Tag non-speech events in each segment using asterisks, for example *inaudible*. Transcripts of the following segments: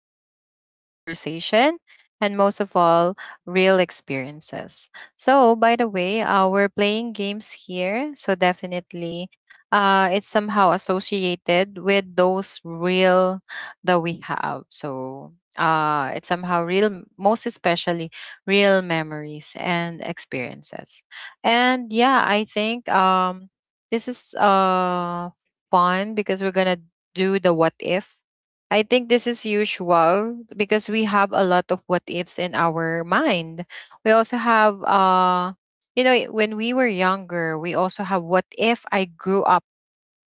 stories, real conversation, and most of all, real experiences. So, by the way, we're playing games here, so definitely it's somehow associated with those real that we have. So, it's somehow real, most especially real memories and experiences. And yeah, I think this is fun because we're gonna do the what if. I think this is usual because we have a lot of what ifs in our mind. We also have you know, when we were younger, we also have what if I grew up,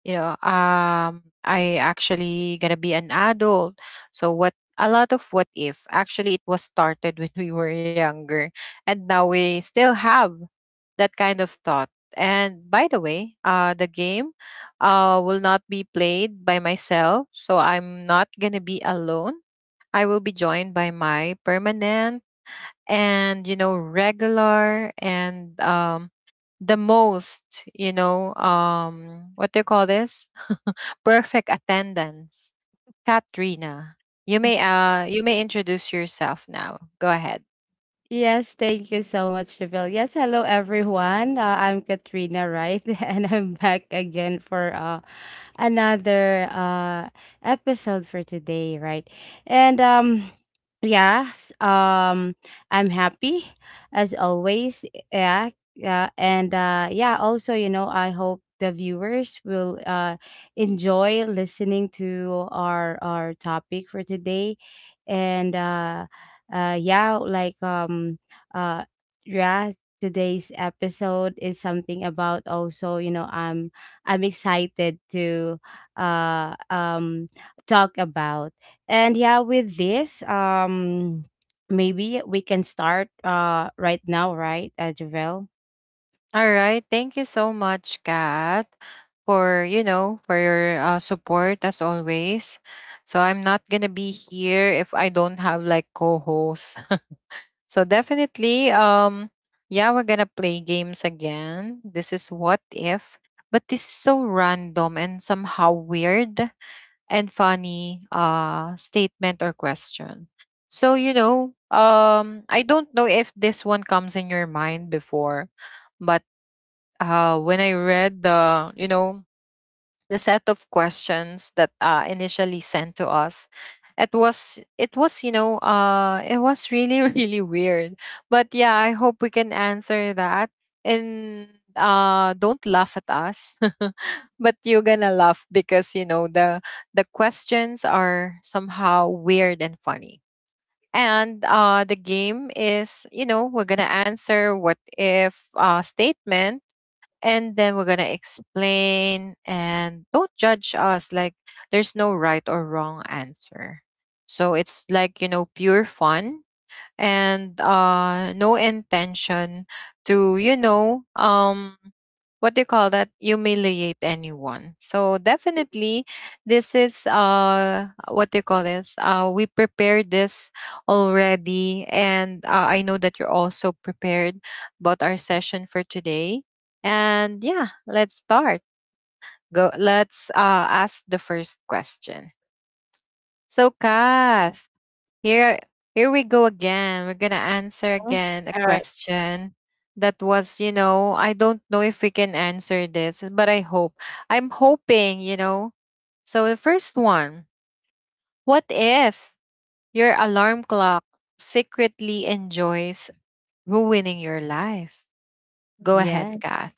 you know, I actually gonna be an adult, so what a lot of what if actually it was started *laughs* when we were younger, and now we still have that kind of thought. And by the way, the game will not be played by myself, so I'm not gonna be alone. I will be joined by my permanent and you know regular and the most you know what do you call this, perfect attendance. Katrina, you may introduce yourself now. Go ahead. Yes, thank you so much, Javille. Yes, hello everyone. I'm Katrina, right? *laughs* And I'm back again for another episode for today, right? And yeah, um I'm happy as always. Yeah. Yeah, and yeah, also, I hope the viewers will enjoy listening to our topic for today. And yeah, like uh yeah, today's episode is something about also, I'm excited to uh, um, talk about. And yeah, with this, maybe we can start right now, right, Javel? All right. Thank you so much, Kat, for you know for your support as always. So I'm not gonna be here if I don't have like co-hosts. *laughs* So definitely, yeah, we're gonna play games again. This is what if, but this is so random and somehow weird and funny statement or question. So, you know, I don't know if this one comes in your mind before, but when I read the, you know, the set of questions that initially sent to us, it was you know it was really *laughs* really weird, but yeah, I hope we can answer that. And don't laugh at us, *laughs* but you're gonna laugh because you know the questions are somehow weird and funny. And the game is you know we're gonna answer what if statement, and then we're gonna explain and don't judge us, like there's no right or wrong answer. So it's like you know pure fun, and no intention to you know what do you call that, humiliate anyone. So definitely this is what do you call this, we prepared this already, and I know that you're also prepared about our session for today. And yeah, let's start. Go, let's ask the first question. So Kath, here, here we go again. We're gonna answer Sure. again a All right. question that was, you know, I don't know if we can answer this, but I hope. I'm hoping, you know. So the first one, what if your alarm clock secretly enjoys ruining your life? Go Yeah. ahead, Kath.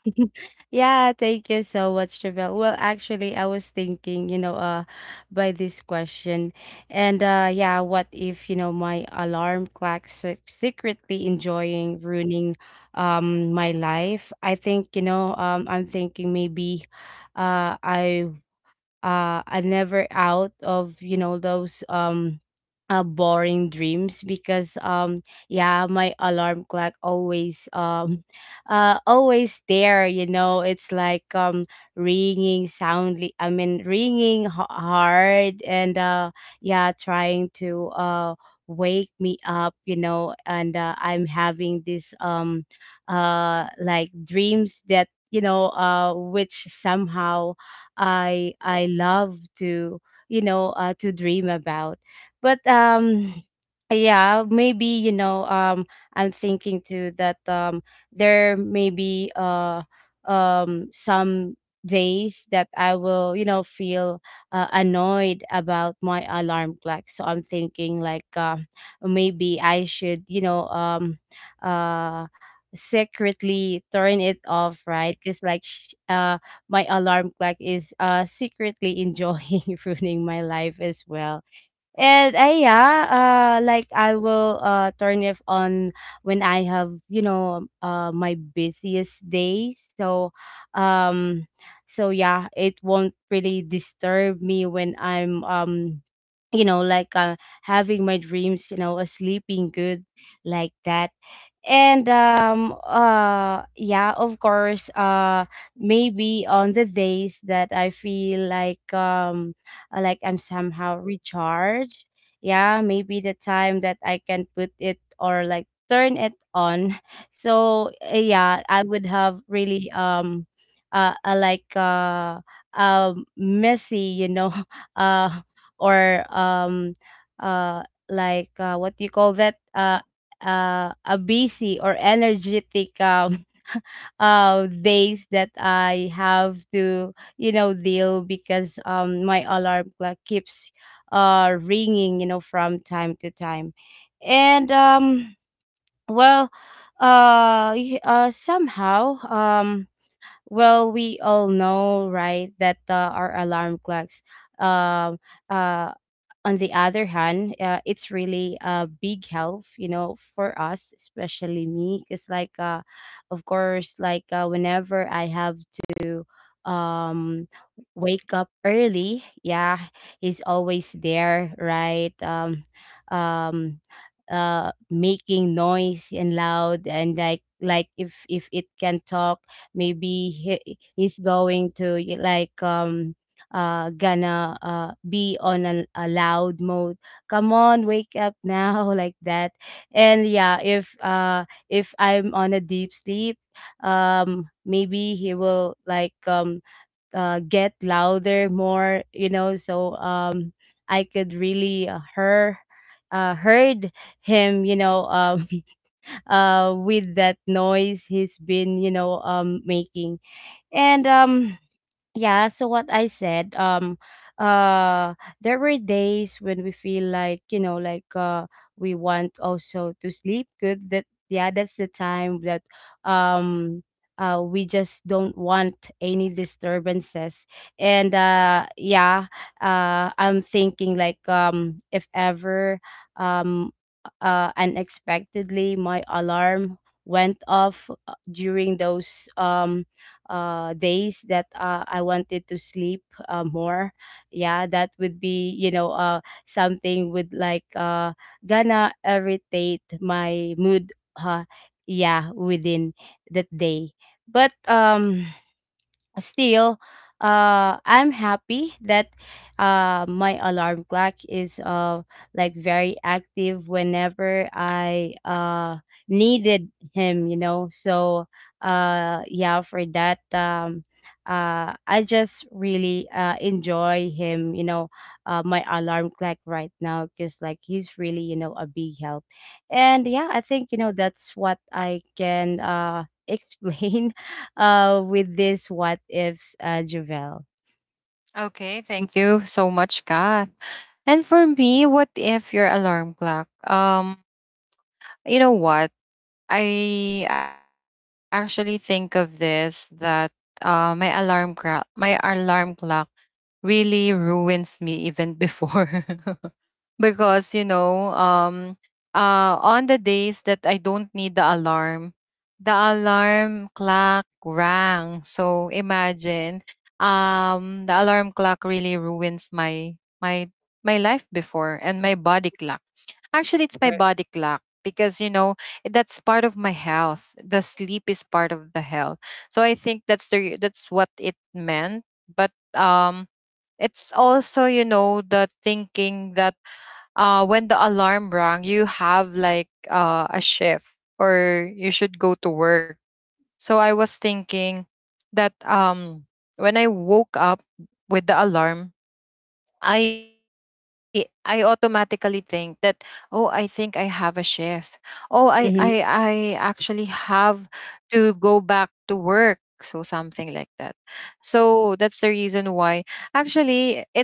Yeah, thank you so much, Javel. Well, actually, I was thinking, by this question, and yeah, what if my alarm clock secretly enjoying ruining, my life? I think, I'm thinking maybe, uh, I I'm never out of those boring dreams because yeah my alarm clock always *laughs* always there, it's like ringing soundly. I mean, ringing hard, and yeah, trying to wake me up, and I'm having this like dreams that which somehow I love to you know to dream about. But yeah, maybe I'm thinking too that, there may be some days that I will, feel annoyed about my alarm clock. So I'm thinking like, maybe I should, uh secretly turn it off, right, because like my alarm clock is secretly enjoying *laughs* ruining my life as well. And yeah, like I will turn it on when I have my busiest days. So, um yeah, it won't really disturb me when I'm like having my dreams, a sleeping good, like that. And yeah, of course, maybe on the days that I feel like, like I'm somehow recharged, yeah, maybe the time that I can put it or like turn it on, *laughs* so, yeah, I would have really like messy, *laughs* uh or uh like, what do you call that, a busy or energetic, *laughs* days that I have to, deal, because, my alarm clock keeps ringing, from time to time. And, well, somehow, well, we all know, right, that our alarm clocks, um, uh, on the other hand, it's really a big help, for us, especially me, because like, of course, like whenever I have to um wake up early, yeah, he's always there, right, um making noise and loud, and like if it can talk, maybe he's going to y- like gonna be on a loud mode. Come on, wake up now, *laughs* like that. And yeah, if I'm on a deep sleep, maybe he will like, get louder, more, so, I could really heard him, *laughs* with that noise he's been, making. And yeah, so what I said, uh there were days when we feel like, like we want also to sleep good. That, yeah, that's the time that, um we just don't want any disturbances. And yeah, I'm thinking like, if ever, um unexpectedly my alarm went off during those, days that, I wanted to sleep, more. Yeah, that would be, something with, like, gonna irritate my mood. Uh, yeah, within that day. But still, I'm happy that my alarm clock is like very active whenever I needed him, so, yeah, for that, I just really enjoy him, my alarm clock right now, because like he's really, a big help. And yeah, I think, that's what I can *laughs* explain with this what ifs, Javel. Okay, Mm, thank you so much, Kath. And for me, what if your alarm clock? Um, you know what? I actually think of this, that my alarm clock really ruins me even before, *laughs* because you know on the days that I don't need the alarm clock rang. So imagine the alarm clock really ruins my life before, and my body clock. Actually, it's my body clock because you know that's part of my health. The sleep is part of the health. So I think that's the that's what it meant. But it's also you know the thinking that when the alarm rang, you have like a shift, or you should go to work. So I was thinking that when I woke up with the alarm, I automatically think that, oh, I think I have a shift. Oh, I mhm, actually have to go back to work, so something like that. So that's the reason why actually it's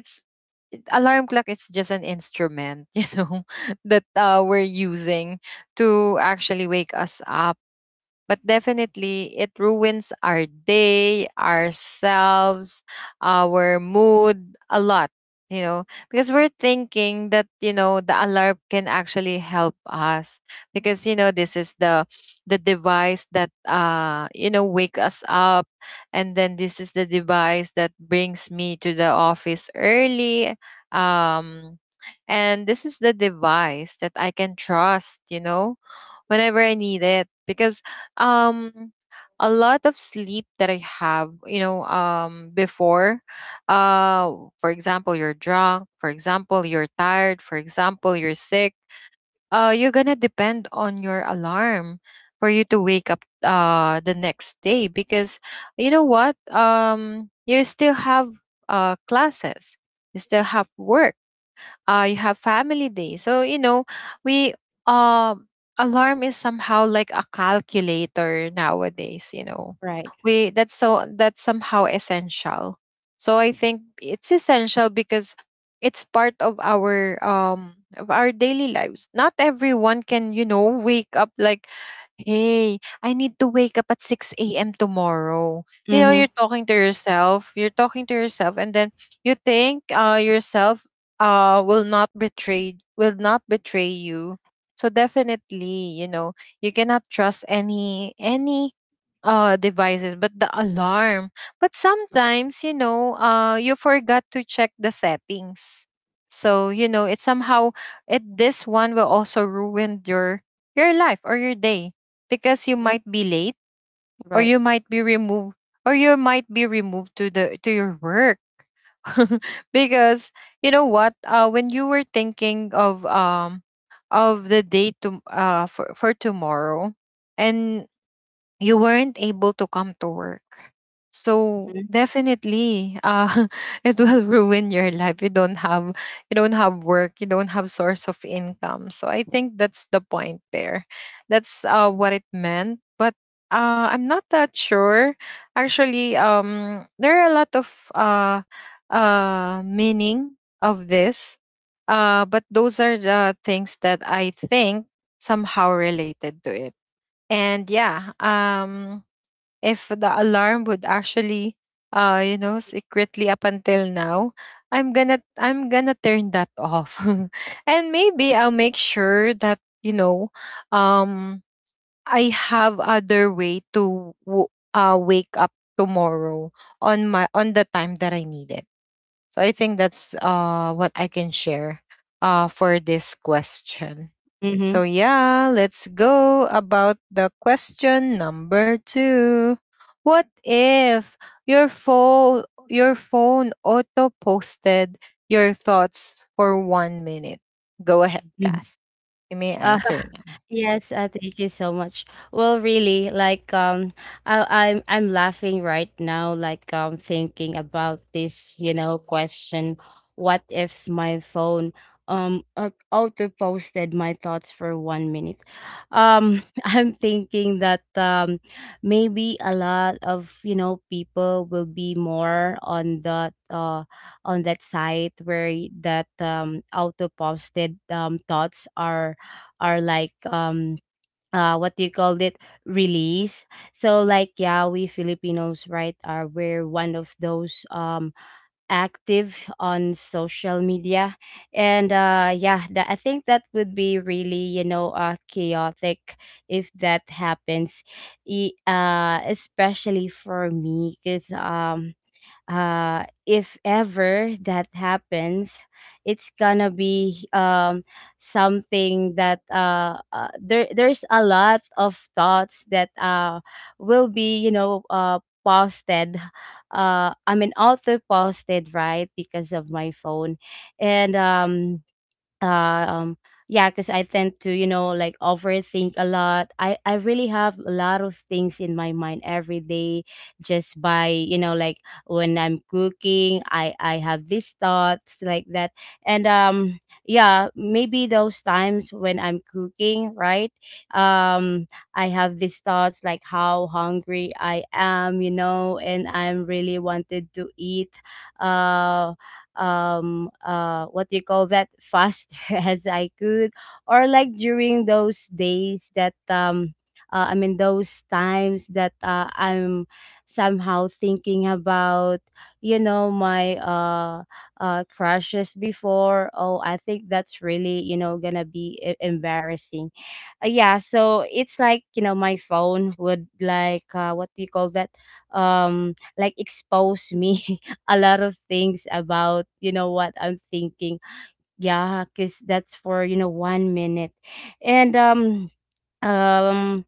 alarm clock, it's just an instrument, *laughs* you know, that we're using to actually wake us up, but definitely it ruins our day, ourselves, our mood a lot, you know, because we're thinking that, you know, the alarm can actually help us because, you know, this is the device that you know, wake us up, and then this is the device that brings me to the office early. Um and this is the device that I can trust, you know, whenever I need it because um a lot of sleep that I have, you know, before, uh for example you're drunk, for example you're tired, for example you're sick, you're going to depend on your alarm for you to wake up the next day because you know what? Um, you still have classes, you still have work, you have family day. So, you know, we, um, alarm is somehow like a calculator nowadays, you know. right. We, that's so, that's somehow essential. So I think it's essential because it's part of our daily lives. Not everyone can, you know, wake up like, hey, I need to wake up at 6 a.m. tomorrow. You know, Mhm, you're talking to yourself, you're talking to yourself, and then you think yourself will not betray you. So definitely you know you cannot trust any devices but the alarm. But sometimes you know you forgot to check the settings. So you know, it somehow, it, this one will also ruin your life or your day because you mm, might be late, or right. you might be removed, or you might be removed to the to your work, *laughs* because you know what, when you were thinking of the date to for tomorrow, and you weren't able to come to work. So Mhm, definitely, *laughs* it will ruin your life. You don't have, you don't have work. You don't have source of income. So I think that's the point there. That's what it meant. But I'm not that sure. Actually, there are a lot of meaning of this. But those are the things that I think somehow related to it. And yeah, if the alarm would actually you know secretly up until now, i'm gonna turn that off, *laughs* and maybe I'll make sure that you know um I have other way to wake up tomorrow on my on the time that I need it. So I think that's what I can share for this question. mhm, So yeah, let's go about the question number 2. What if your phone your phone auto posted your thoughts for 1 minute? Go ahead, mhm. Kath. You may answer now. Yes, thank you so much. Well, really, like, I'm laughing right now, like, thinking about this, question. What if my phone auto posted my thoughts for 1 minute? *laughs* I'm thinking that, maybe a lot of, people will be more on that, site where that auto posted thoughts are, like, what do you call it, release. So like, yeah, we Filipinos, right, are we're one of those, active on social media, and yeah, that I think that would be really, chaotic, if that happens. Especially for me, because, if ever that happens, it's gonna be, something that, there's a lot of thoughts that, will be, posted. I mean, auto posted, right, because of my phone, and, uh, um yeah, because I tend to, like overthink a lot. I really have a lot of things in my mind every day, just by, like when I'm cooking, I have these thoughts like that. And yeah, maybe those times when I'm cooking, right, um I have these thoughts, like how hungry I am, and I'm really wanted to eat, uh what do you call that, faster, *laughs* as I could. Or like during those days that, I mean, those times that, I'm somehow thinking about, my, crushes before. Oh, I think that's really, gonna be embarrassing. Yeah, so it's like, my phone would like, what do you call that, like expose me, *laughs* a lot of things about, what I'm thinking. Yeah, because that's for, 1 minute. And, um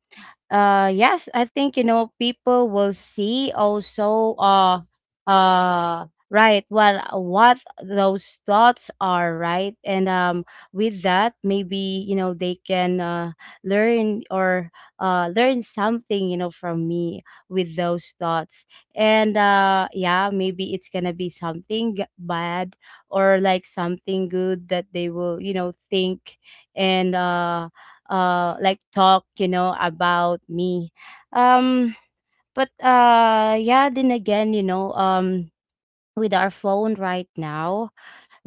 yes, I think, people will see also, right, what those thoughts are, right. And, with that, maybe, they can learn, or learn something, from me, with those thoughts. And yeah, maybe it's gonna be something bad, or like something good that they will, think, and like talk, about me. um but yeah, then again, with our phone right now.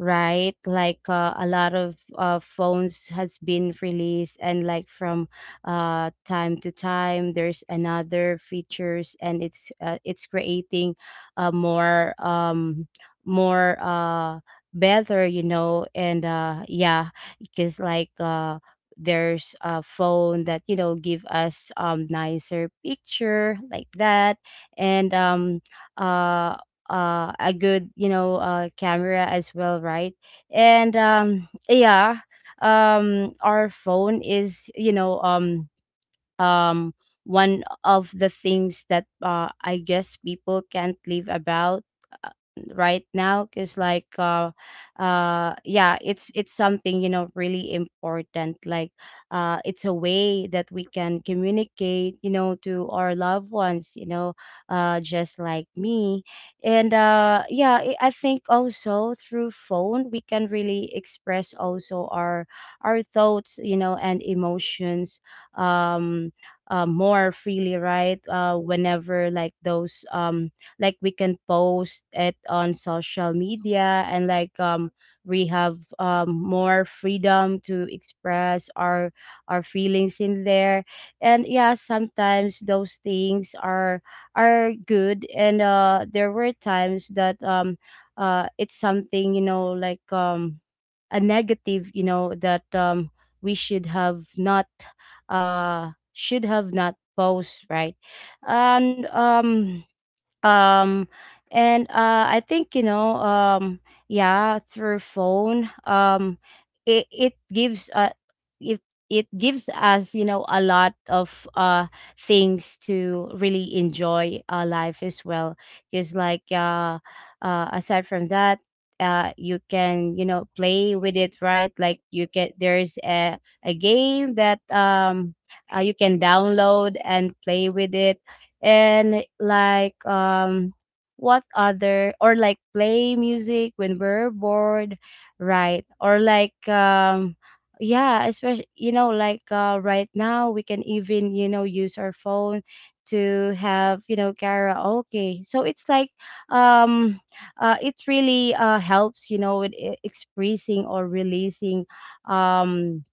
Right? Like, a lot of, phones has been released, and like from, time to time, there's another features, and it's creating a more better, and yeah, because like there's a phone that, give us nicer picture like that. And uh a good, camera as well, right. And yeah, our phone is, um one of the things that I guess people can't live about, uh, right now, because like yeah, it's something, really important. Like it's a way that we can communicate, to our loved ones, just like me. And yeah, I think also through phone we can really express also our thoughts, and emotions, um more freely, right, whenever like those, like we can post it on social media, and like we have, more freedom to express our feelings in there. And yeah, sometimes those things are good, and there were times that, it's something, like a negative, that we should have not, uh posed, right? And, um and I think, yeah, through phone, it it gives uh it it gives us, a lot of things to really enjoy our life as well. Because like, aside from that, you can, play with it, right, like you can. There's a game that, you can download and play with it. And like, what other, or like play music when we're bored, right? Or like yeah, especially, like, right now we can even, use our phone to have, karaoke. So um it really helps with expressing or releasing um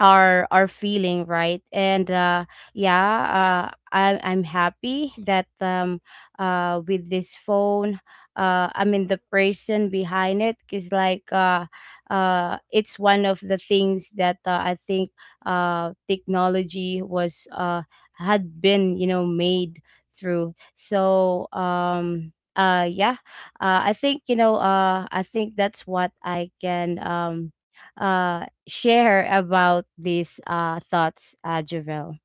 our feeling, right? And I'm happy that with this phone, I mean the person behind it is like it's one of the things that, I think technology was had been, you know, made through. So I think, you know, I think that's what I can share about these, thoughts, Javel?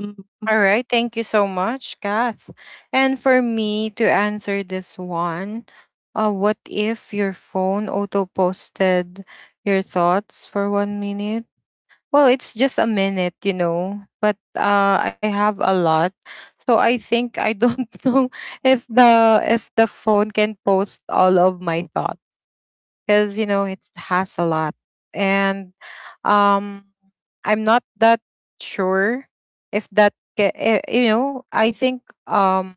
Mm-hmm. All right, thank you so much, Kath. And for me to answer this one, what if your phone auto posted your thoughts for 1 minute? Well, it's just a minute, you know, but I have a lot, so I think I don't *laughs* know if the phone can post all of my thoughts, because you know it has a lot. And um I'm not that sure if that you know, I think um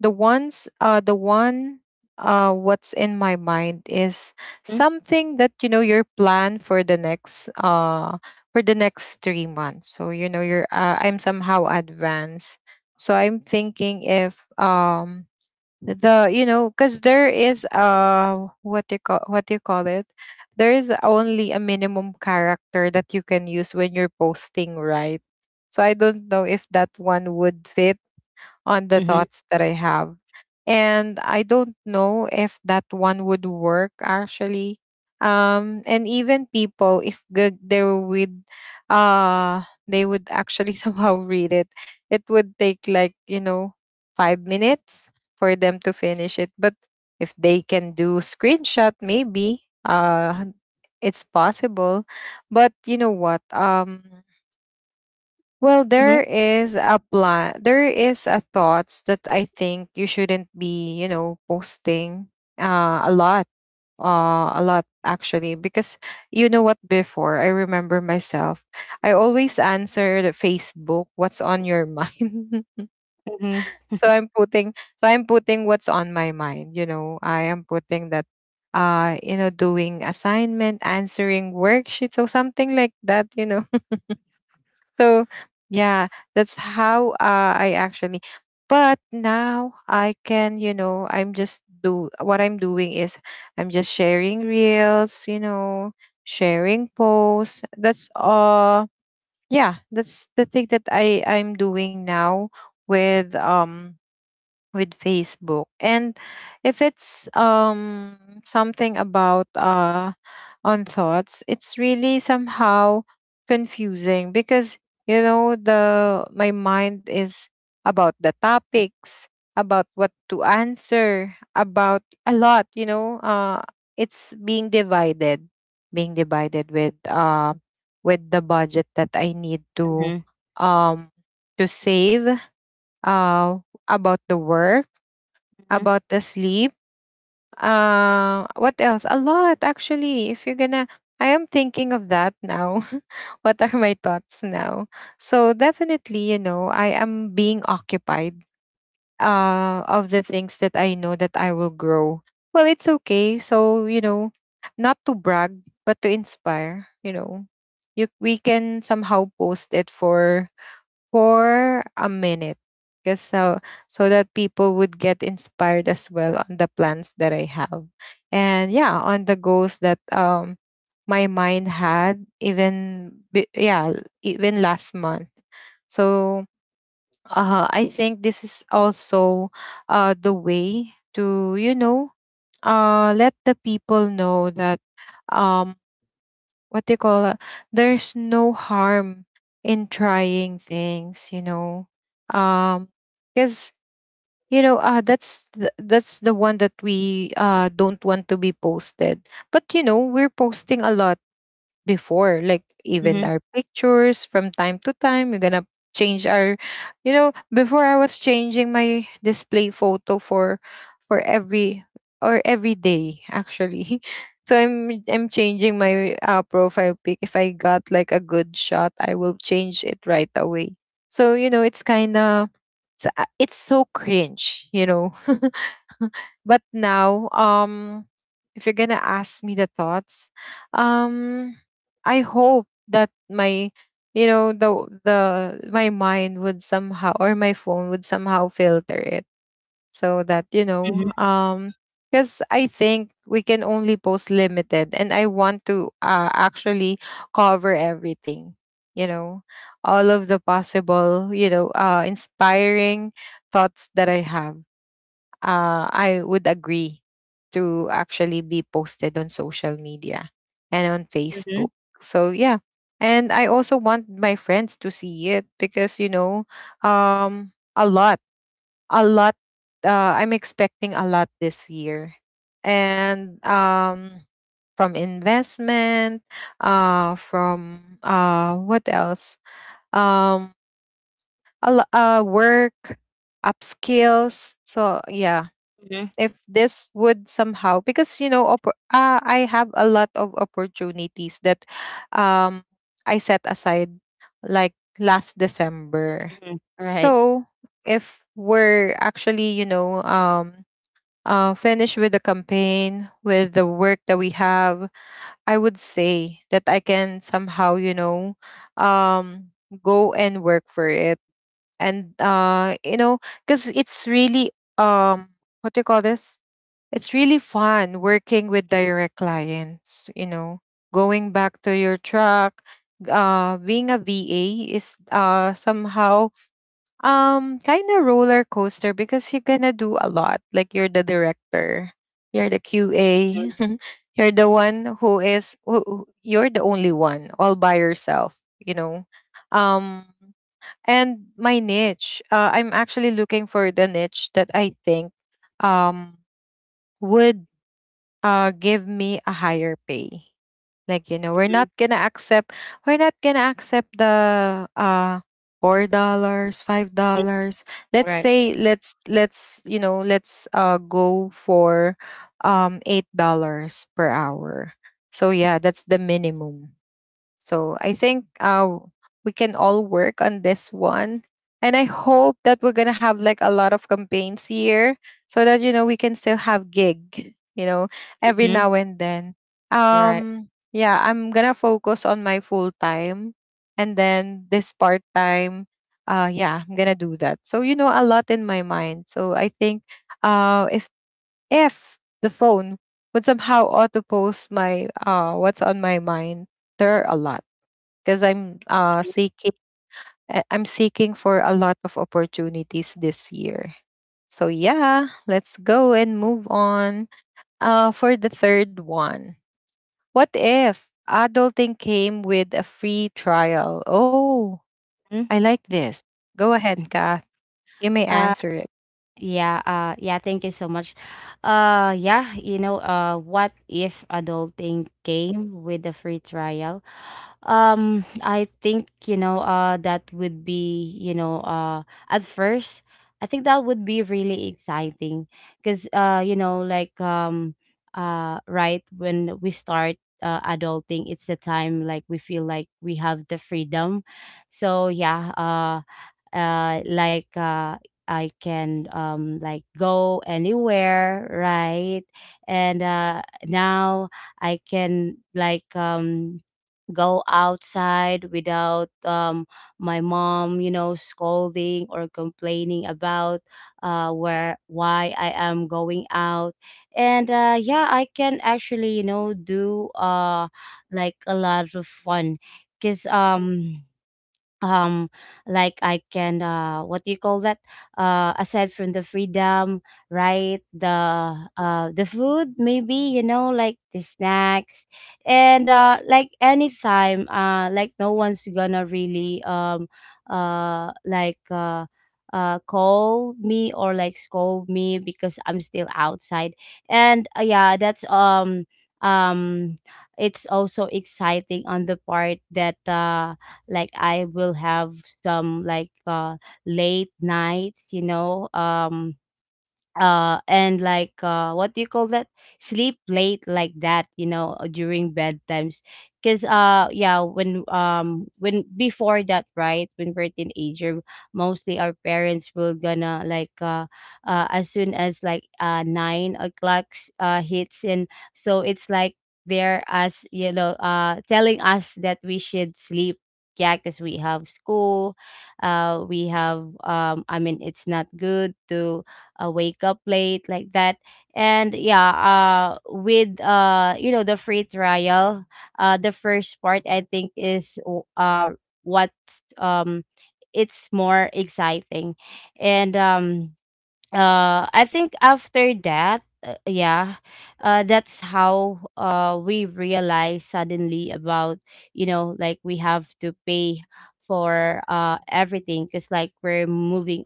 the one, what's in my mind is Mm-hmm. something that you know your plan for the next 3 months. So you know you're I'm somehow advanced. So I'm thinking if the you know, because there is what they call, what do you call it, there is only a minimum character that you can use when you're posting, right? So I don't know if that one would fit on the Mm-hmm. thoughts that I have. And I don't know if that one would work actually. And even people, if g- they would actually *laughs* somehow read it, it would take like, you know, 5 minutes for them to finish it. But if they can do screenshot, maybe, it's possible. But you know what, well, there is a plan. There is a thoughts that I think you shouldn't be, you know, posting a lot, a lot, actually, because you know what? Before I remember myself, I always answer the Facebook, "What's on your mind?" Mm-hmm. *laughs* So I'm putting, so I'm putting what's on my mind. You know, I am putting that, you know, doing assignment, answering worksheet, so something like that. You know, so yeah, that's how I actually. But now I can, you know, I'm just do what I'm doing is I'm just sharing reels, you know, sharing posts. That's yeah, that's the thing that I'm doing now with um with Facebook. And if it's something about on thoughts, it's really somehow confusing because the my mind is about the topics, about what to answer, about a lot, it's being divided, being divided with the budget that I need Mm-hmm. um to save uh about the work, Mm-hmm. about the sleep. What else? A lot, actually. If you're gonna, I am thinking of that now. *laughs* What are my thoughts now? So definitely, you know, I am being occupied of the things that I know that I will grow. Well, it's okay. So, you know, not to brag, but to inspire, you know. You We can somehow post it for a minute because so so that people would get inspired as well on the plans that I have. And yeah, on the goals that my mind had yeah, even last month. So I think this is also the way to let the people know that um what they call it? There's no harm in trying things, you know. Um, because that's the one that we don't want to be posted. But you know, we're posting a lot before, like even Mm-hmm. our pictures. From time to time we're gonna change our, you know. Before I was changing my display photo for every or every day, actually. *laughs* So I'm changing my profile pic. If I got like a good shot I will change it right away. So you know, it's kind of it's so cringe, you know. *laughs* But now if you're gonna ask me the thoughts, um, I hope that my, you know, the my mind would somehow, or my phone would somehow filter it, so that because I think we can only post limited, and I want to actually cover everything. You know, all of the possible, inspiring thoughts that I have, I would agree to actually be posted on social media and on Mm-hmm. Facebook. So yeah. And I also want my friends to see it because you know, um a lot, a lot I'm expecting a lot this year. And from investment, from what else? Um work, upskills. So yeah, if this would somehow, because you know, I have a lot of opportunities that um I set aside like last December. Mm-hmm. Right. So if we're actually, finished with the campaign, with the work that we have, I would say that I can somehow, you know, um go and work for it. And because it's really um what do you call this, it's really fun working with direct clients, you know, going back to your truck. Being a VA is somehow kind of roller coaster because you're gonna do a lot. Like you're the director, you're the Mm-hmm. QA, *laughs* you're the one who is who- you're the only one all by yourself, you know. Um, and my niche, I'm actually looking for the niche that I think um would give me a higher pay. Like you know, we're Mm-hmm. not gonna accept, we're not gonna accept the $4, $5. Let's Right. say let's you know, let's go for $8 per hour. So yeah, that's the minimum. So I think, we can all work on this one. And I hope that we're going to have like a lot of campaigns here so that, you know, we can still have gig, you know, every Mm-hmm. now and then. Right. Yeah, I'm going to focus on my full time and then this part time. Yeah, I'm going to do that. So, you know, a lot in my mind. So I think uh, if, if the phone would somehow auto post my, what's on my mind, there are a lot because I'm seeking, I'm seeking for a lot of opportunities this year. So yeah, let's go and move on. For the third one. What if adulting came with a free trial? Oh, Mm-hmm. I like this. Go ahead, Kath. You may Uh, answer it. Yeah, yeah, thank you so much. Yeah, you know, what if adulting came with a free trial? I think, you know, that would be, you know, at first, I think that would be really exciting because, you know, like right when we start adulting, it's the time like we feel like we have the freedom. So yeah, uh like uh I can like go anywhere, right? And now I can like go outside without my mom, you know, scolding or complaining about where why I am going out. And yeah, I can actually, you know, do like a lot of fun, cuz um like I can, what do you call that, aside from the freedom, right? The, the food maybe, you know, like the snacks. And like anytime, like no one's gonna really uh like uh call me or like scold me because I'm still outside. And yeah, that's um it's also exciting on the part that like I will have some like late nights, you know, and like what do you call that, sleep late like that, you know, during bedtimes. Because yeah, when before that, right, when we're teenager, mostly our parents will gonna like, as soon as like 9 o'clock hits, and so it's like they're us, you know, telling us that we should sleep. Yeah, because we have school, we have I mean, it's not good to, wake up late like that. And yeah, with, you know, the free trial, the first part, I think, is w- what um it's more exciting. And I think after that, yeah, that's how we realize suddenly about, you know, like we have to pay for everything because like we're moving,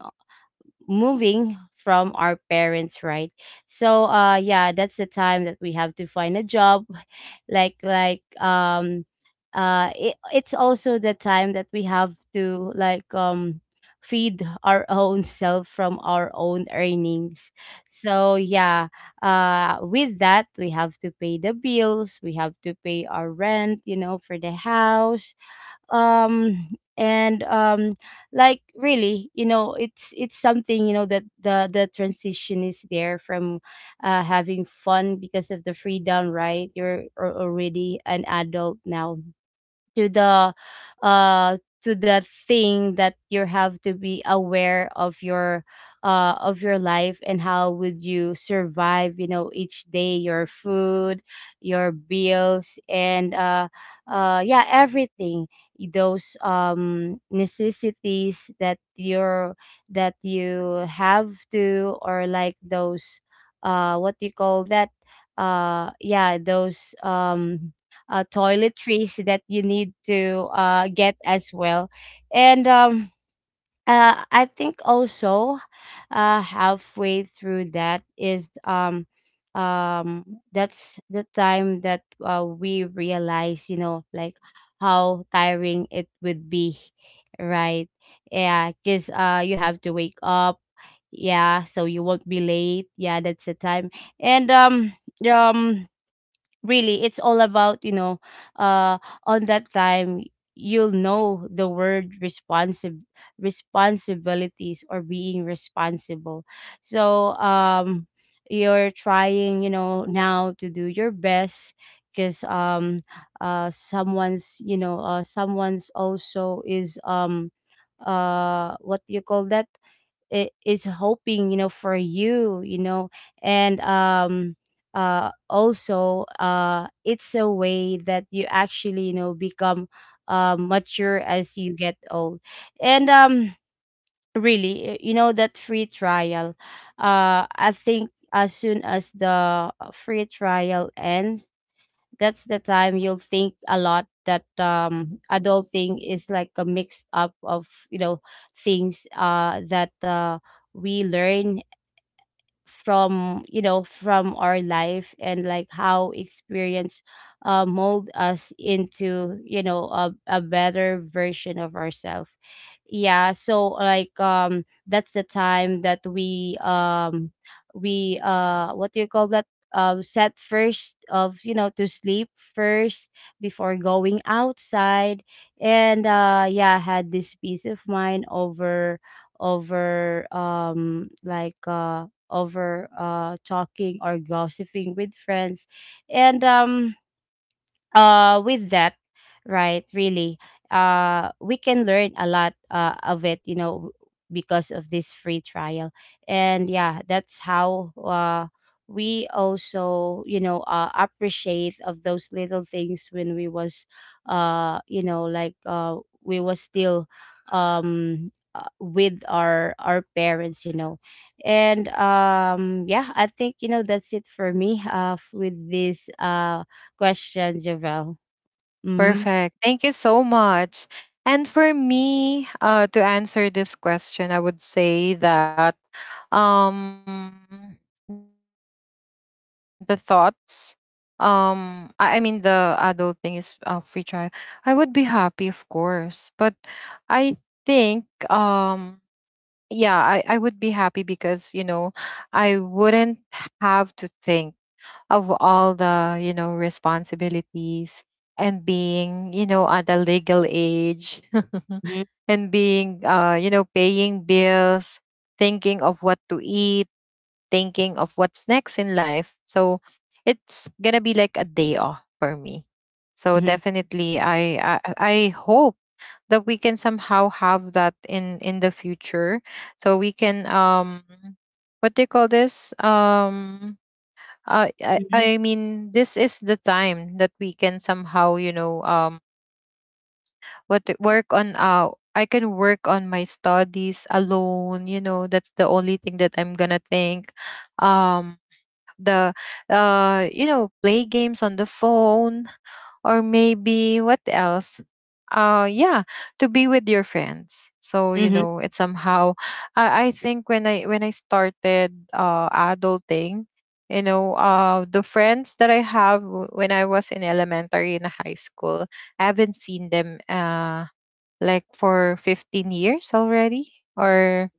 from our parents, right? So yeah, that's the time that we have to find a job *laughs* like like, it, it's also the time that we have to like feed our *laughs* own self from our own earnings. So yeah, with that, we have to pay the bills, we have to pay our rent, you know, for the house. Um and um like really, you know, it's something, you know, that the transition is there from having fun because of the freedom, right? You're already an adult now, to the, uh to the thing that you have to be aware of your, of your life, and how would you survive, you know, each day, your food, your bills, and yeah, everything. Those necessities that you're, that you have to, or like those, what do you call that, yeah, those, toiletries that you need to, get as well. And I think also, halfway through that is, um, that's the time that, we realize, you know, like how tiring it would be, right? Yeah, because, you have to wake up. Yeah, so you won't be late. Yeah, that's the time. And, um, really it's all about, you know, uh on that time, you'll know the word responsive responsibilities, or being responsible. So you're trying, you know, now to do your best, because someone's, you know, someone's also is, what do you call that, I- is hoping, you know, for you, you know. And also, it's a way that you actually, you know, become, mature as you get old. And really, you know, that free trial, I think as soon as the, free trial ends, that's the time you'll think a lot that adulting is like a mix up of, you know, things that we learn from, you know, from our life, and like how experience, mold us into, you know, a better version of ourselves. Yeah, so like that's the time that we what do you call that, set first of, you know, to sleep first before going outside. And yeah, had this peace of mind over, over um like uh over, talking or gossiping with friends. And with that, right, really, we can learn a lot of it, you know, because of this free trial. And yeah, that's how we also, you know, appreciate of those little things when we was, you know, like we was still, with our parents, you know. And yeah, I think, you know, that's it for me with this, question, Javelle. Mhm, Perfect. Thank you so much. And for me, to answer this question, I would say that um, the thoughts, I mean, the adult thing is free trial. I would be happy, of course, but I think, um, yeah, I would be happy because, you know, I wouldn't have to think of all the, you know, responsibilities, and being, you know, at a legal age. mhm, *laughs* And being, you know, paying bills, thinking of what to eat, thinking of what's next in life. So it's gonna be like a day off for me. So mhm, definitely, I hope that we can somehow have that in the future. So we can what do you call this I, mhm, I mean, this is the time that we can somehow, you know, work on. I can work on my studies alone, you know. That's the only thing that I'm gonna think. Um the You know, play games on the phone, or maybe what else. Yeah, to be with your friends. So you mhm, know, it's somehow, I think when I started adulting, you know, the friends that I have when I was in elementary and high school, I haven't seen them like for 15 years already or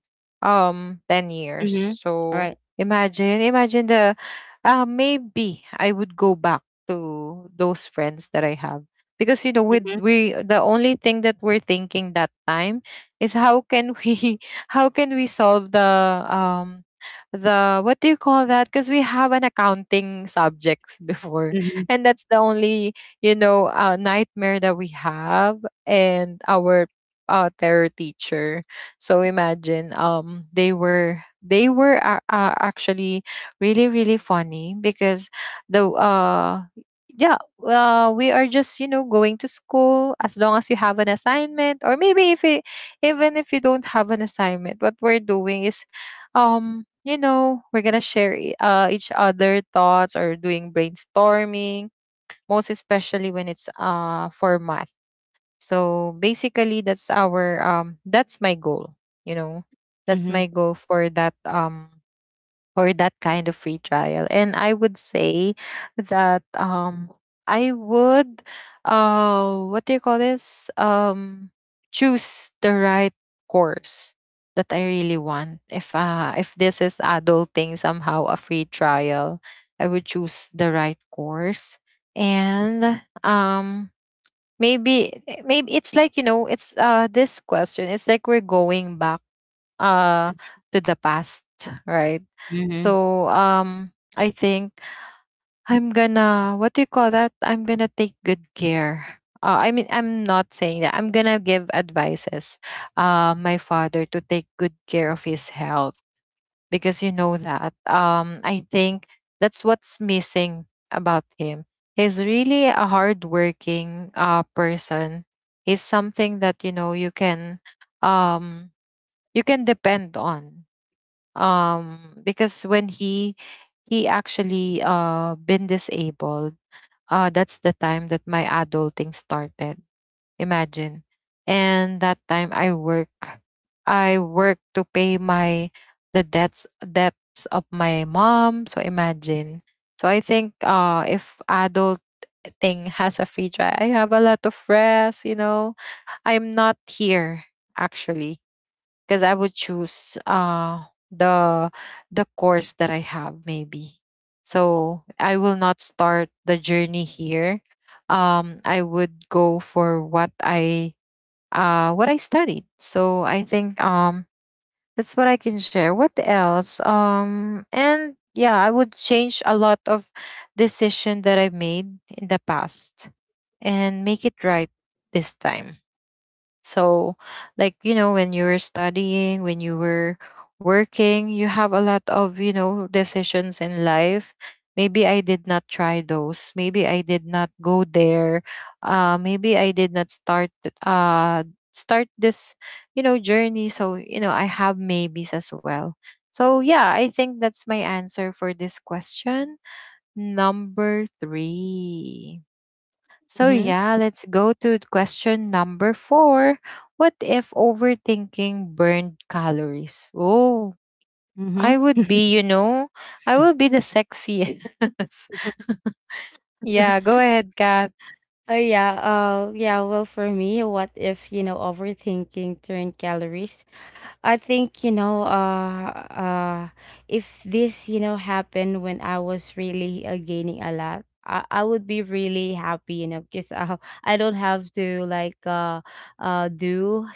10 years. mhm. So Alright. imagine the maybe I would go back to those friends that I have. Because you know, with Mhm, we, the only thing that we're thinking that time is how can we, *laughs* how can we solve the um what do you call that? Because we have an accounting subjects before, mhm, and that's the only, you know, nightmare that we have, and our terror teacher. So imagine, they were actually really, really funny. Because the uh yeah, we are just, you know, going to school as long as you have an assignment, or maybe if it, even if you don't have an assignment, what we're doing is you know, we're gonna share, each other thoughts, or doing brainstorming, most especially when it's for math. So basically that's our that's my goal, you know, that's my mhm, goal for that kind of free trial. And I would say that I would what do you call this? Choose the right course that I really want. If this is adulting somehow a free trial, I would choose the right course. And maybe maybe it's like, you know, it's this question, it's like we're going back uh to the past, right? mhm. So I think I'm gonna what do you call that? I'm gonna take good care. I mean, I'm not saying that. I'm gonna give advices, my father, to take good care of his health because you know that. I think that's what's missing about him. He's really a hardworking person. He's something that, you know, um, you can depend on. Because when he actually been disabled, that's the time that my adulting started. Imagine. And that time I work to pay my the debts of my mom. So imagine. So I think, if adulting has a free try, I have a lot of rest, you know. I'm not here, actually, because I would choose the the course that I have, maybe. So I will not start the journey here. I would go for what I, what I studied. So I think, that's what I can share. What else? And yeah, I would change a lot of decision that I've made in the past, and make it right this time. So, like, you know, when you were studying, when you were working, you have a lot of, you know, decisions in life. Maybe I did not try those. Maybe I did not go there. Maybe I did not start this, you know, journey. So, you know, I have maybes as well. So yeah, I think that's my answer for this question. Number three. So Mhm, yeah, let's go to question number four. What if overthinking burned calories? Oh, mhm. I would be, you know, I will be the sexiest. *laughs* Yeah, go *laughs* ahead, Kath. Oh, yeah, yeah, well, for me, what if, you know, overthinking turned calories, I think, you know, if this, you know, happened when I was really, gaining a lot, I would be really happy, you know, because I *laughs* I don't have to like, do,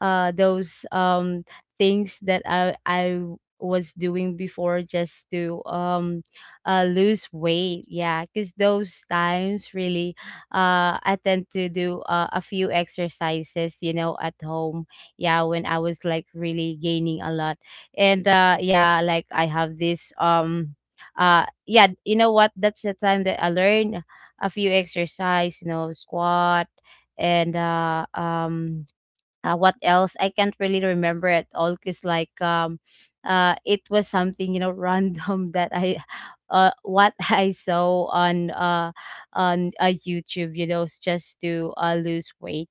those, things that I was doing before just to, lose weight. Yeah, because those times really, I tend to do, a few exercises, you know, at home. Yeah, when I was like really gaining a lot. And yeah, like I have this, yeah, you know what, that's the time that I learned a few exercise, you know, squat. And what else? I can't really remember at all, because like it was something, you know, *laughs* random that I, what *laughs* I saw on YouTube, you know, just to lose weight.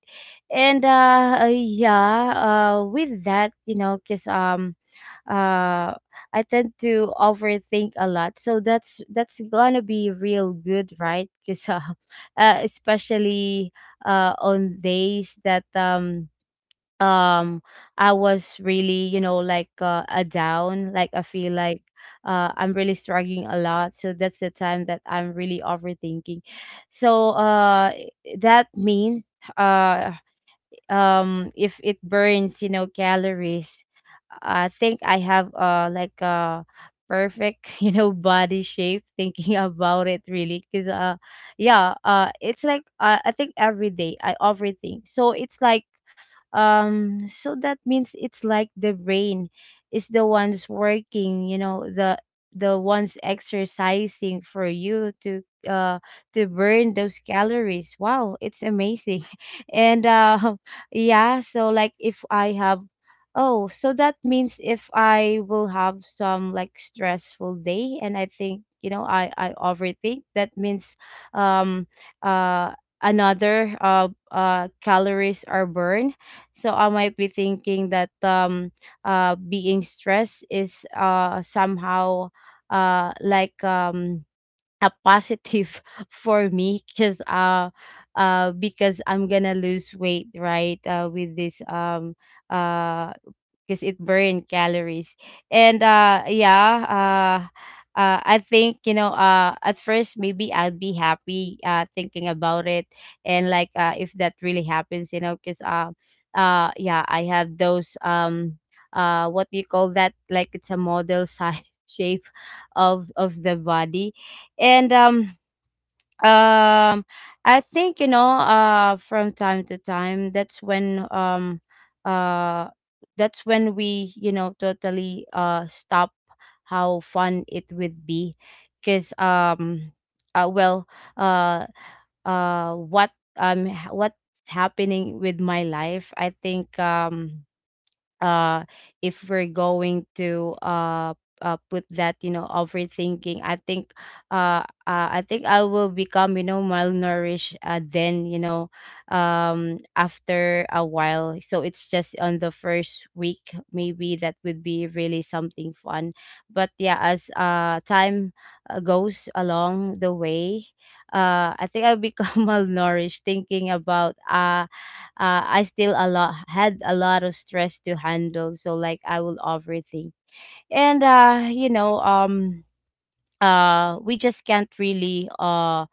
And yeah, with that, you know, because uh I tend to overthink a lot. So that's gonna be real good, right? Because, *laughs* especially on days that um I was really, you know, like, a down, like I feel like I'm really struggling a lot, so that's the time that I'm really overthinking. So that means, uh if it burns, you know, calories, I think I have, like a perfect *laughs* you know, body shape, thinking about it. Really, because yeah it's like, I think every day I overthink, so it's like, so that means it's like the brain is the ones working, you know, the ones exercising for you to, uh to burn those calories. Wow, it's amazing *laughs* and yeah. So like, if I have, oh, so that means if I will have some like stressful day, and I think, you know, I overthink, that means, um uh another calories are burned. So I might be thinking that being stressed is, somehow, uh like um a positive *laughs* for me, because I'm gonna lose weight, right, with this, uh because it burn calories. And yeah, I think, you know. At first, maybe I'd be happy, thinking about it. And like, if that really happens, you know, because, yeah, I have those, what do you call that, like it's a model size *laughs* shape of the body. And, um, I think, you know, from time to time, that's when, uh, that's when we, you know, totally stop how fun it would be. Because, well, uh, what what's happening with my life? I think uh if we're going to put that, you know, overthinking, I think, I think I will become, you know, malnourished, then, you know, after a while. So it's just on the first week maybe that would be really something fun. But yeah, as time, goes along the way, I think I'll become *laughs* malnourished thinking about, I still a lot had a lot of stress to handle. So like I will overthink, and we just can't really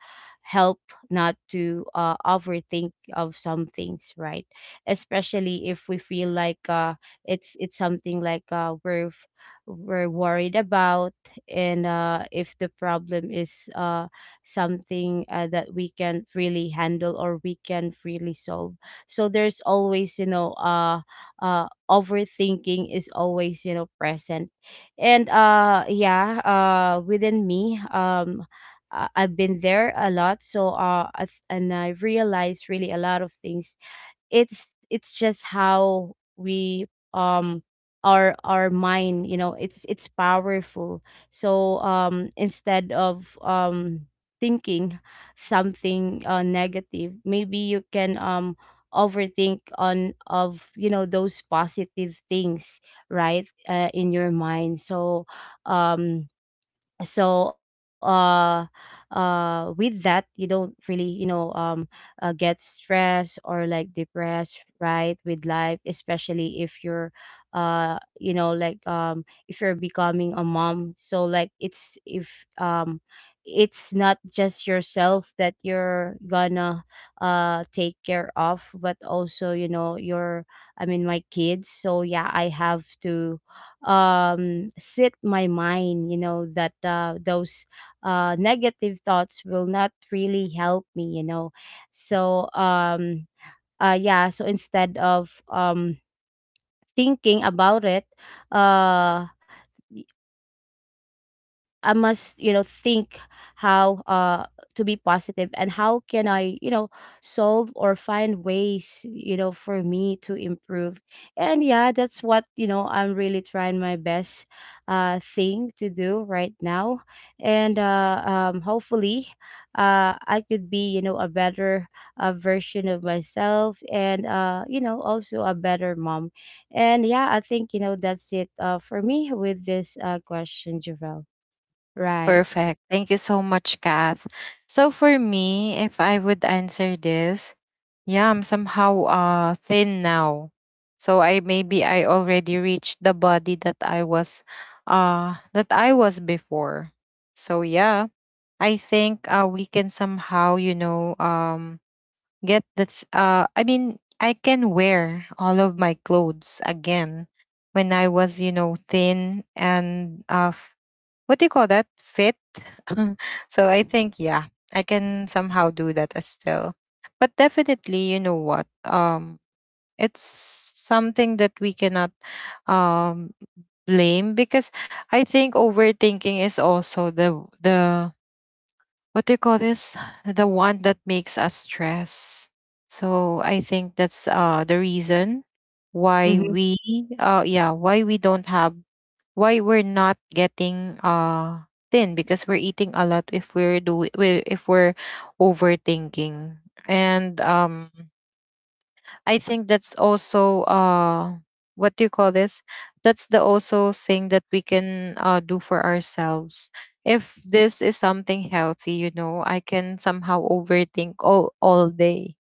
help not to overthink of some things, right? Especially if we feel like it's something like we're worried about. And if the problem is something that we can't really handle or we can't really solve, so there's always overthinking is always, you know, present. And yeah, within me. I've been there a lot, so and I realized really a lot of things. It's just how we, um our mind, you know, it's powerful. So instead of thinking something negative, maybe you can overthink on of, you know, those positive things, right, in your mind. So um so uh with that you don't really, you know, get stressed or like depressed, right, with life, especially if you're, if you're becoming a mom. So like it's, if it's not just yourself that you're gonna take care of, but also, you know, your, I mean, my kids. So yeah, I have to sit my mind, you know, that those negative thoughts will not really help me, you know. So yeah, so instead of thinking about it, uh y- I must, you know, think how to be positive, and how can I, you know, solve or find ways, you know, for me to improve. And yeah, that's what, you know, I'm really trying my best thing to do right now. And hopefully I could be, you know, a better version of myself, and you know, also a better mom. And yeah, I think, you know, that's it, for me, with this question, Javel. Right. Perfect. Thank you so much, Kath. So, for me, if I would answer this, yeah, I'm somehow thin now. So, I maybe I already reached the body that I was that I was before. So yeah, I think, we can somehow, you know, I mean, I can wear all of my clothes again when I was, you know, thin and what do you call that? Fit. *laughs* So I think, yeah, I can somehow do that as still. But definitely, you know what? It's something that we cannot um blame because I think overthinking is also the what do you call this? The one that makes us stress. So I think that's the reason why Mm-hmm. we yeah, why we don't have why we're not getting thin because we're eating a lot if we're overthinking. And I think that's also what do you call this? That's the also thing that we can do for ourselves. If this is something healthy, you know, I can somehow overthink all day.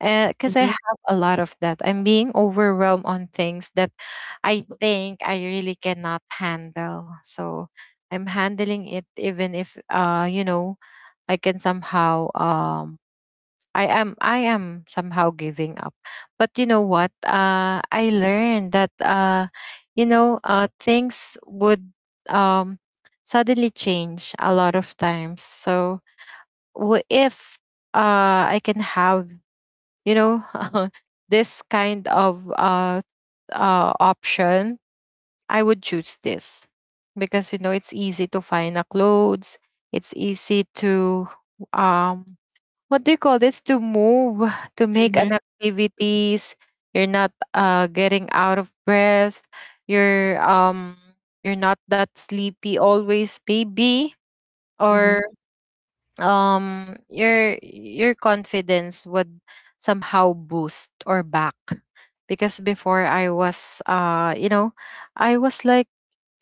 Because I Mhm, have a lot of that. I'm being overwhelmed on things that I think I really cannot handle. So I'm handling it even if you know, I can somehow I am somehow giving up. But you know what? I learned that you know things would um suddenly change a lot of times. So w- if I can have, you know, *laughs* this kind of option, I would choose this because you know it's easy to find a clothes, it's easy to um what do you call this to move to make mhm, an activities you're not getting out of breath you're um you're not that sleepy always maybe mhm, or mhm, your confidence would somehow boost or back because before I was you know I was like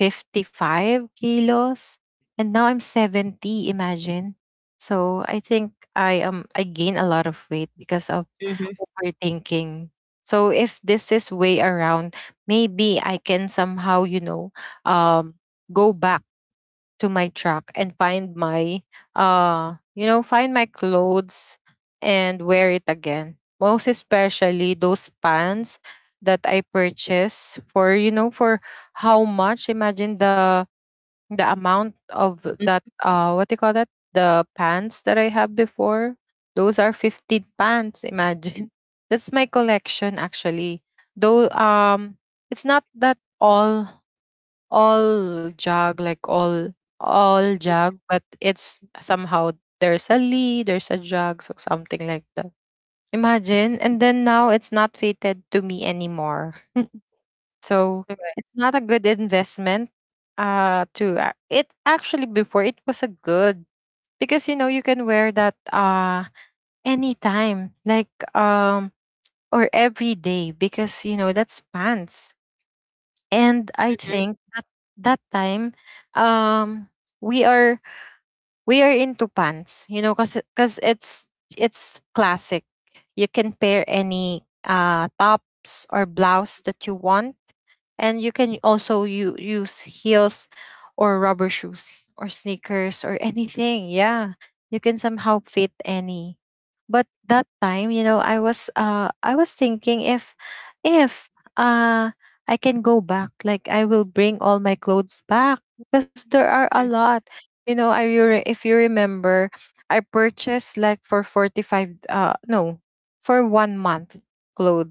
55 kilos and now I'm 70, imagine. So I think I gain a lot of weight because of mhm, overthinking. So if this is way around, maybe I can somehow, you know, um go back to my truck and find my you know find my clothes and wear it again, most especially those pants that I purchased for you know for how much, imagine the amount of that what do you call that, the pants that I have before, those are 15 pants, imagine. *laughs* That's my collection actually, though it's not that all all jug like all jug but it's somehow there's a lee there's a jug, so something like that, imagine. And then now it's not fitted to me anymore. So it's not a good investment it actually before it was a good because you know you can wear that anytime like or every day because you know that's pants. And I mhm, think that that time, um we are we are into pants, you know, because it's classic. You can pair any tops or blouse that you want, and you can also use heels or rubber shoes or sneakers or anything, yeah, you can somehow fit any. But that time, you know, I was I was thinking if if uh I can go back, like I will bring all my clothes back because there are a lot. You know, if you remember, I purchased like for 45 uh no, for 1 month cloth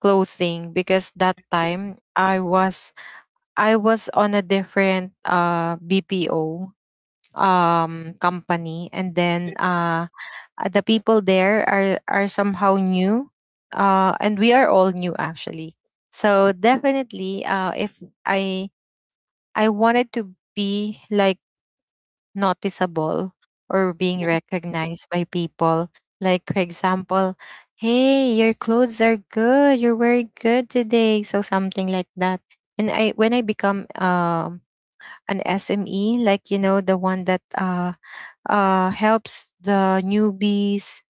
clothing, because that time I was on a different BPO um company, and then the people there are somehow new, and we are all new actually. So definitely if I wanted to be like noticeable or being recognized by people. Like, for example, hey, your clothes are good. You're wearing good today. So, something like that. And I, when I become an SME, like, you know, the one that helps the newbies,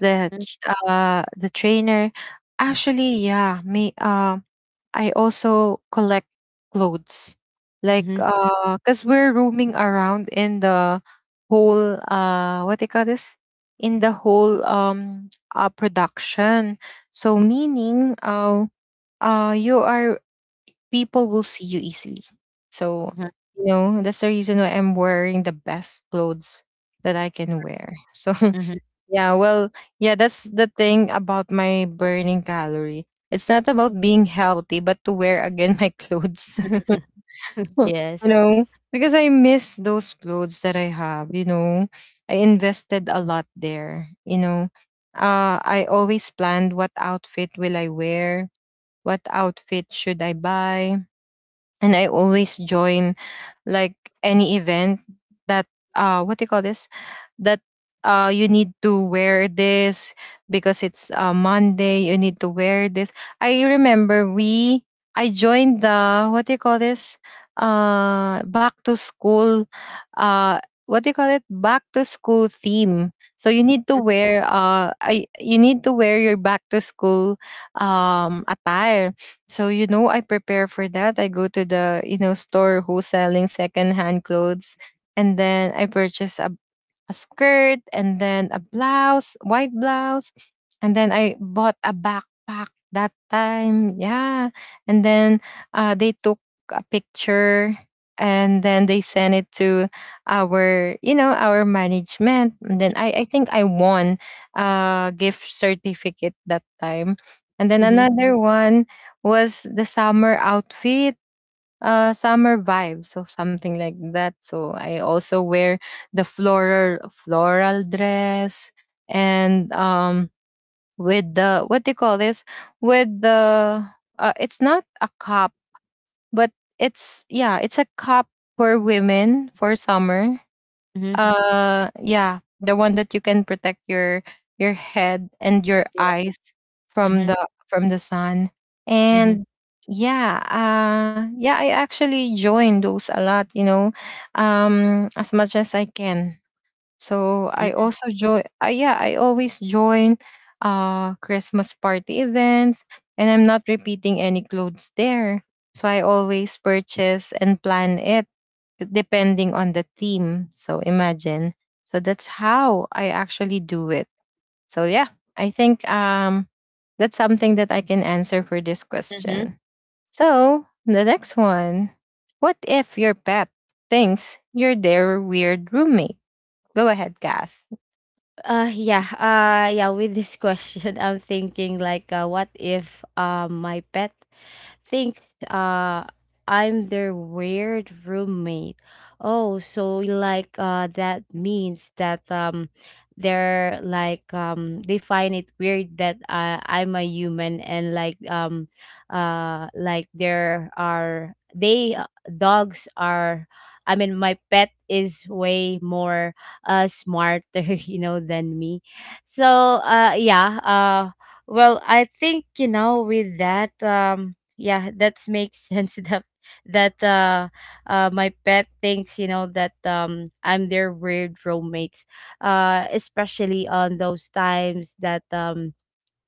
the, mhm, the trainer, actually, yeah, me, I also collect clothes. Like mhm, because we're roaming around in the whole what they call this? In the whole production. So meaning you are people will see you easily. So mhm, you know that's the reason why I'm wearing the best clothes that I can wear. So *laughs* mhm. Yeah, well, yeah, that's the thing about my burning calorie. It's not about being healthy, but to wear again my clothes. *laughs* *laughs* You Yes. know, because I miss those clothes that I have, you know. I invested a lot there, you know. I always planned what outfit will I wear, what outfit should I buy, and I always join like any event that what do you call this, that you need to wear this because it's Monday you need to wear this. I remember we I joined the what do you call this, back to school, uh what do you call it, back to school theme. So you need to wear you need to wear your back to school attire. So you know, I prepare for that. I go to the you know store who's selling secondhand clothes, and then I purchase a skirt and then a blouse, white blouse. And then I bought a backpack that time. Yeah. And then they took a picture and then they sent it to our, you know, our management. And then I think I won a gift certificate that time. And then Mhm, another one was the summer outfit, summer vibes or something like that. So I also wear the floral dress and with the what do you call this, with the it's not a cup but it's yeah it's a cup for women for summer. mhm, Yeah, the one that you can protect your head and your yeah, eyes from mhm, the from the sun. mhm, And yeah, yeah, I actually join those a lot. You know, as much as I can. So I also join yeah, I always join Christmas party events, and I'm not repeating any clothes there. So I always purchase and plan it depending on the theme. So imagine. So that's how I actually do it. So yeah, I think that's something that I can answer for this mhm, mhm. question. So, the next one. What if your pet thinks you're their weird roommate? Go ahead, Kath. Yeah, with this question, *laughs* I'm thinking like, what if my pet thinks I'm their weird roommate. Oh, so like that means that they're like they find it weird that, I'm a human, and like there are they dogs are, I mean, my pet is way more smarter, *laughs* you know, than me. So uh, yeah, uh, well, I think, you know, with that, yeah, that makes sense. *laughs* That that My pet thinks, you know, that I'm their weird roommates, especially on those times that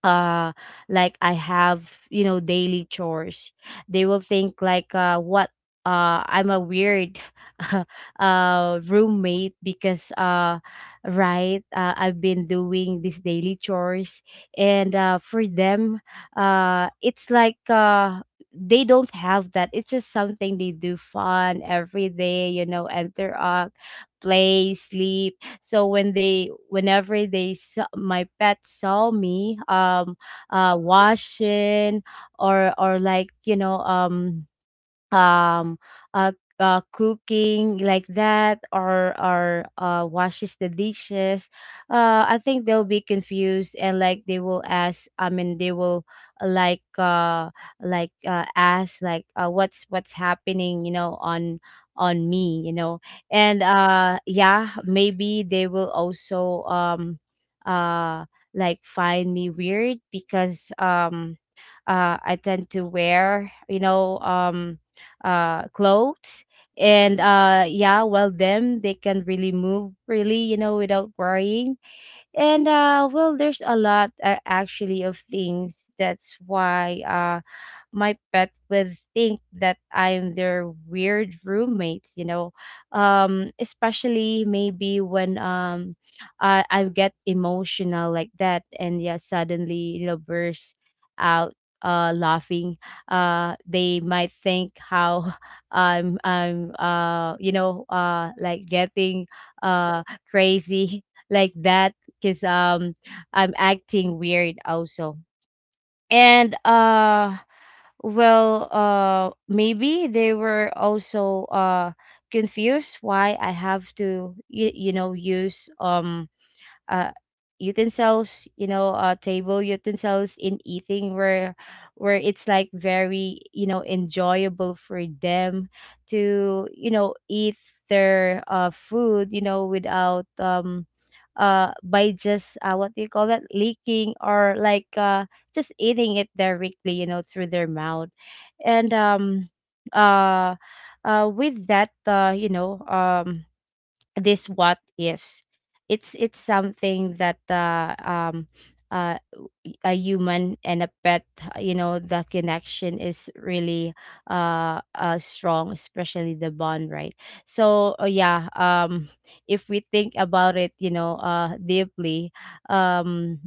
uh like I have, you know, daily chores. They will think like, what, I'm a weird *laughs* roommate, because right, I've been doing these daily chores, and for them it's like they don't have that. It's just something they do fun every day, you know, interact, play, sleep. So when they, whenever they saw, my pet saw me washing, or like, you know, um uh, cooking like that, or washes the dishes, I think they'll be confused, and like they will ask, I mean, they will, uh, like uh ask like, what's happening, you know, on me, you know. And yeah, maybe they will also uh like find me weird, because I tend to wear, you know, clothes, and yeah, well, them, they can really move really, you know, without worrying. And well, there's a lot, actually, of things, that's why my pet would think that I'm their weird roommate, you know. Especially maybe when I get emotional like that, and yeah, suddenly, you know, burst out laughing. Uh, they might think how *laughs* I'm you know, like getting uh crazy *laughs* like that, because I'm acting weird also. And well, maybe they were also confused why I have to, you know, use uh, utensils, you know, table utensils, in eating, where it's like very, you know, enjoyable for them to, you know, eat their, food, you know, without by just, what do you call that, leaking, or like just eating it directly, you know, through their mouth. And uh with that, you know, this what ifs. It's something that, uh, a human and a pet, you know, the connection is really, strong, especially the bond, right? So yeah, if we think about it, you know, deeply, um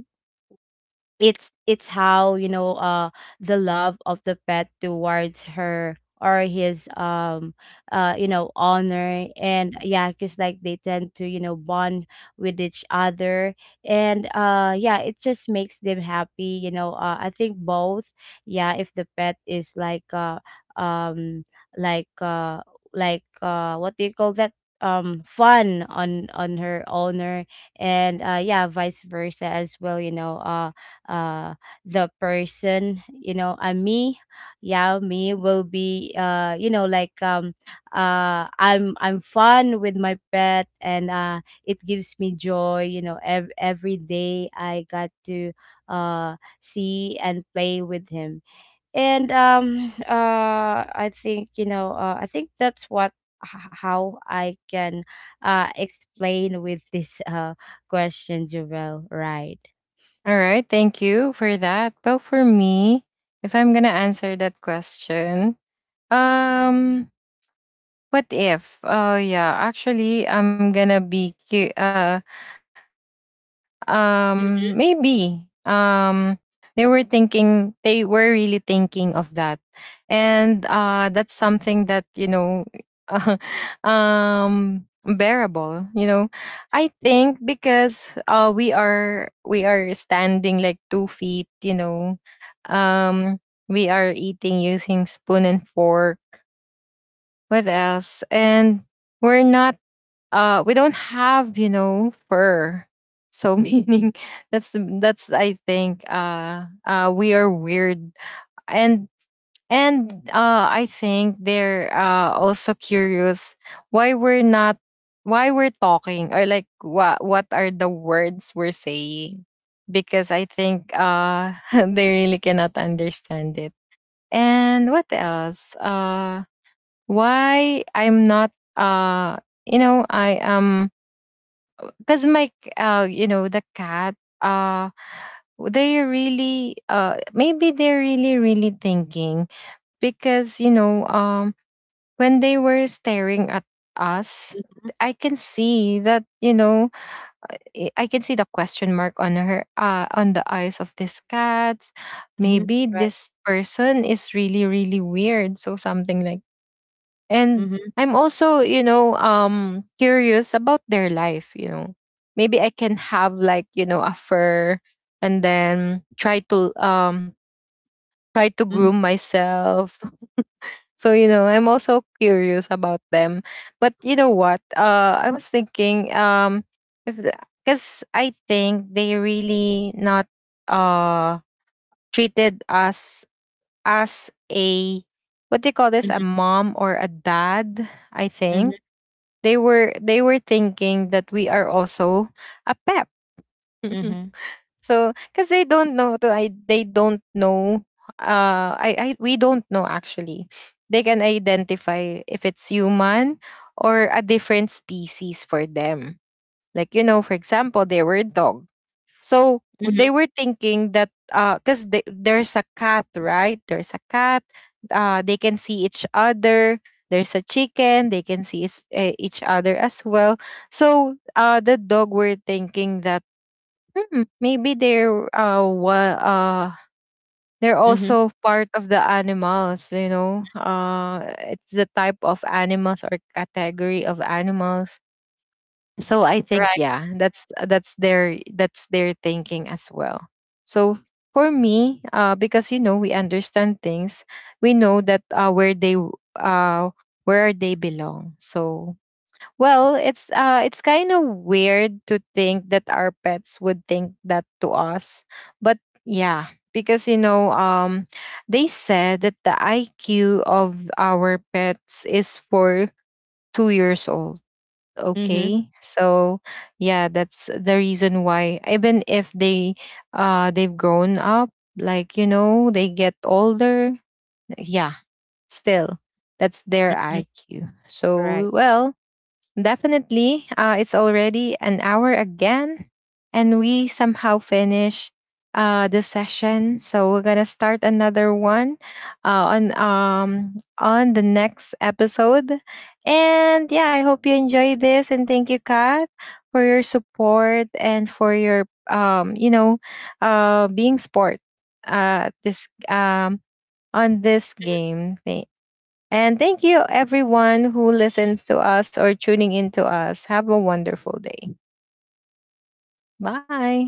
it's how, you know, the love of the pet towards her or his, you know, honor. And yeah, because like they tend to, you know, bond with each other, and yeah, it just makes them happy, you know. I think both, yeah, if the pet is like um like uh what do you call that, fun on her owner, and yeah, vice versa as well, you know, uh the person, you know, me, yeah, me will be you know, like I'm fun with my pet, and it gives me joy, you know, every day I got to see and play with him. And I think, you know, I think that's h- how I can explain with this question, Jovel, right? All right. Thank you for that. Well, for me, if I'm going to answer that question, um, what if? Oh, yeah. Actually, I'm going to be maybe. Mm, They were thinking, they were really thinking of that. And that's something that, you know, *laughs* bearable, you know. I think because we are standing like 2 feet, you know. Um, we are eating using spoon and fork. What else? And we're not we don't have you know fur, so meaning *laughs* that's the that's I think we are weird. and and I think they're also curious why we're not why we're talking or like what are the words we're saying, because I think *laughs* they really cannot understand it. And what else, why I'm not uh you know I am, because my you know the cat, uh they really maybe they're really really thinking, because you know when they were staring at us, mhm, I can see that, you know, I can see the question mark on her on the eyes of this cat, mhm, maybe right. this person is really really weird, so something like. And Mhm, I'm also, you know, curious about their life, you know, maybe I can have like, you know, a fur, and then try to try to mhm, groom myself. *laughs* So you know I'm also curious about them. But you know what, I was thinking if, because I think they really not uh treated us as a what do you call this, a mhm, mom or a dad. I mhm, think they were thinking that we are also a pep. *laughs* mhm, So because they don't know to I they don't know I we don't know actually they can identify if it's human or a different species for them. Like you know, for example, they were dog. So they mhm, were thinking that because there's a cat, right? There's a cat. They can see each other. There's a chicken. They can see each other as well. So the dog were thinking that hmm, maybe they're they're mhm, also part of the animals. You know, it's the type of animals or category of animals. So I think right. yeah that's their thinking as well. So for me because you know we understand things, we know that where they uh where they belong. So well, it's kind of weird to think that our pets would think that to us. But yeah, because you know they said that the IQ of our pets is for 2 years old, Mhm, okay? So yeah that's the reason why even if they they've grown up, like you know they get older, yeah, still, that's their mhm, IQ. right. So well. Definitely. It's already an hour again, and we somehow finish the session. So we're gonna start another one on the next episode. And yeah, I hope you enjoy this, and thank you, Kat, for your support and for your you know, being sport this on this game. Thank you, everyone who listens to us or tuning in to us. Have a wonderful day. Bye.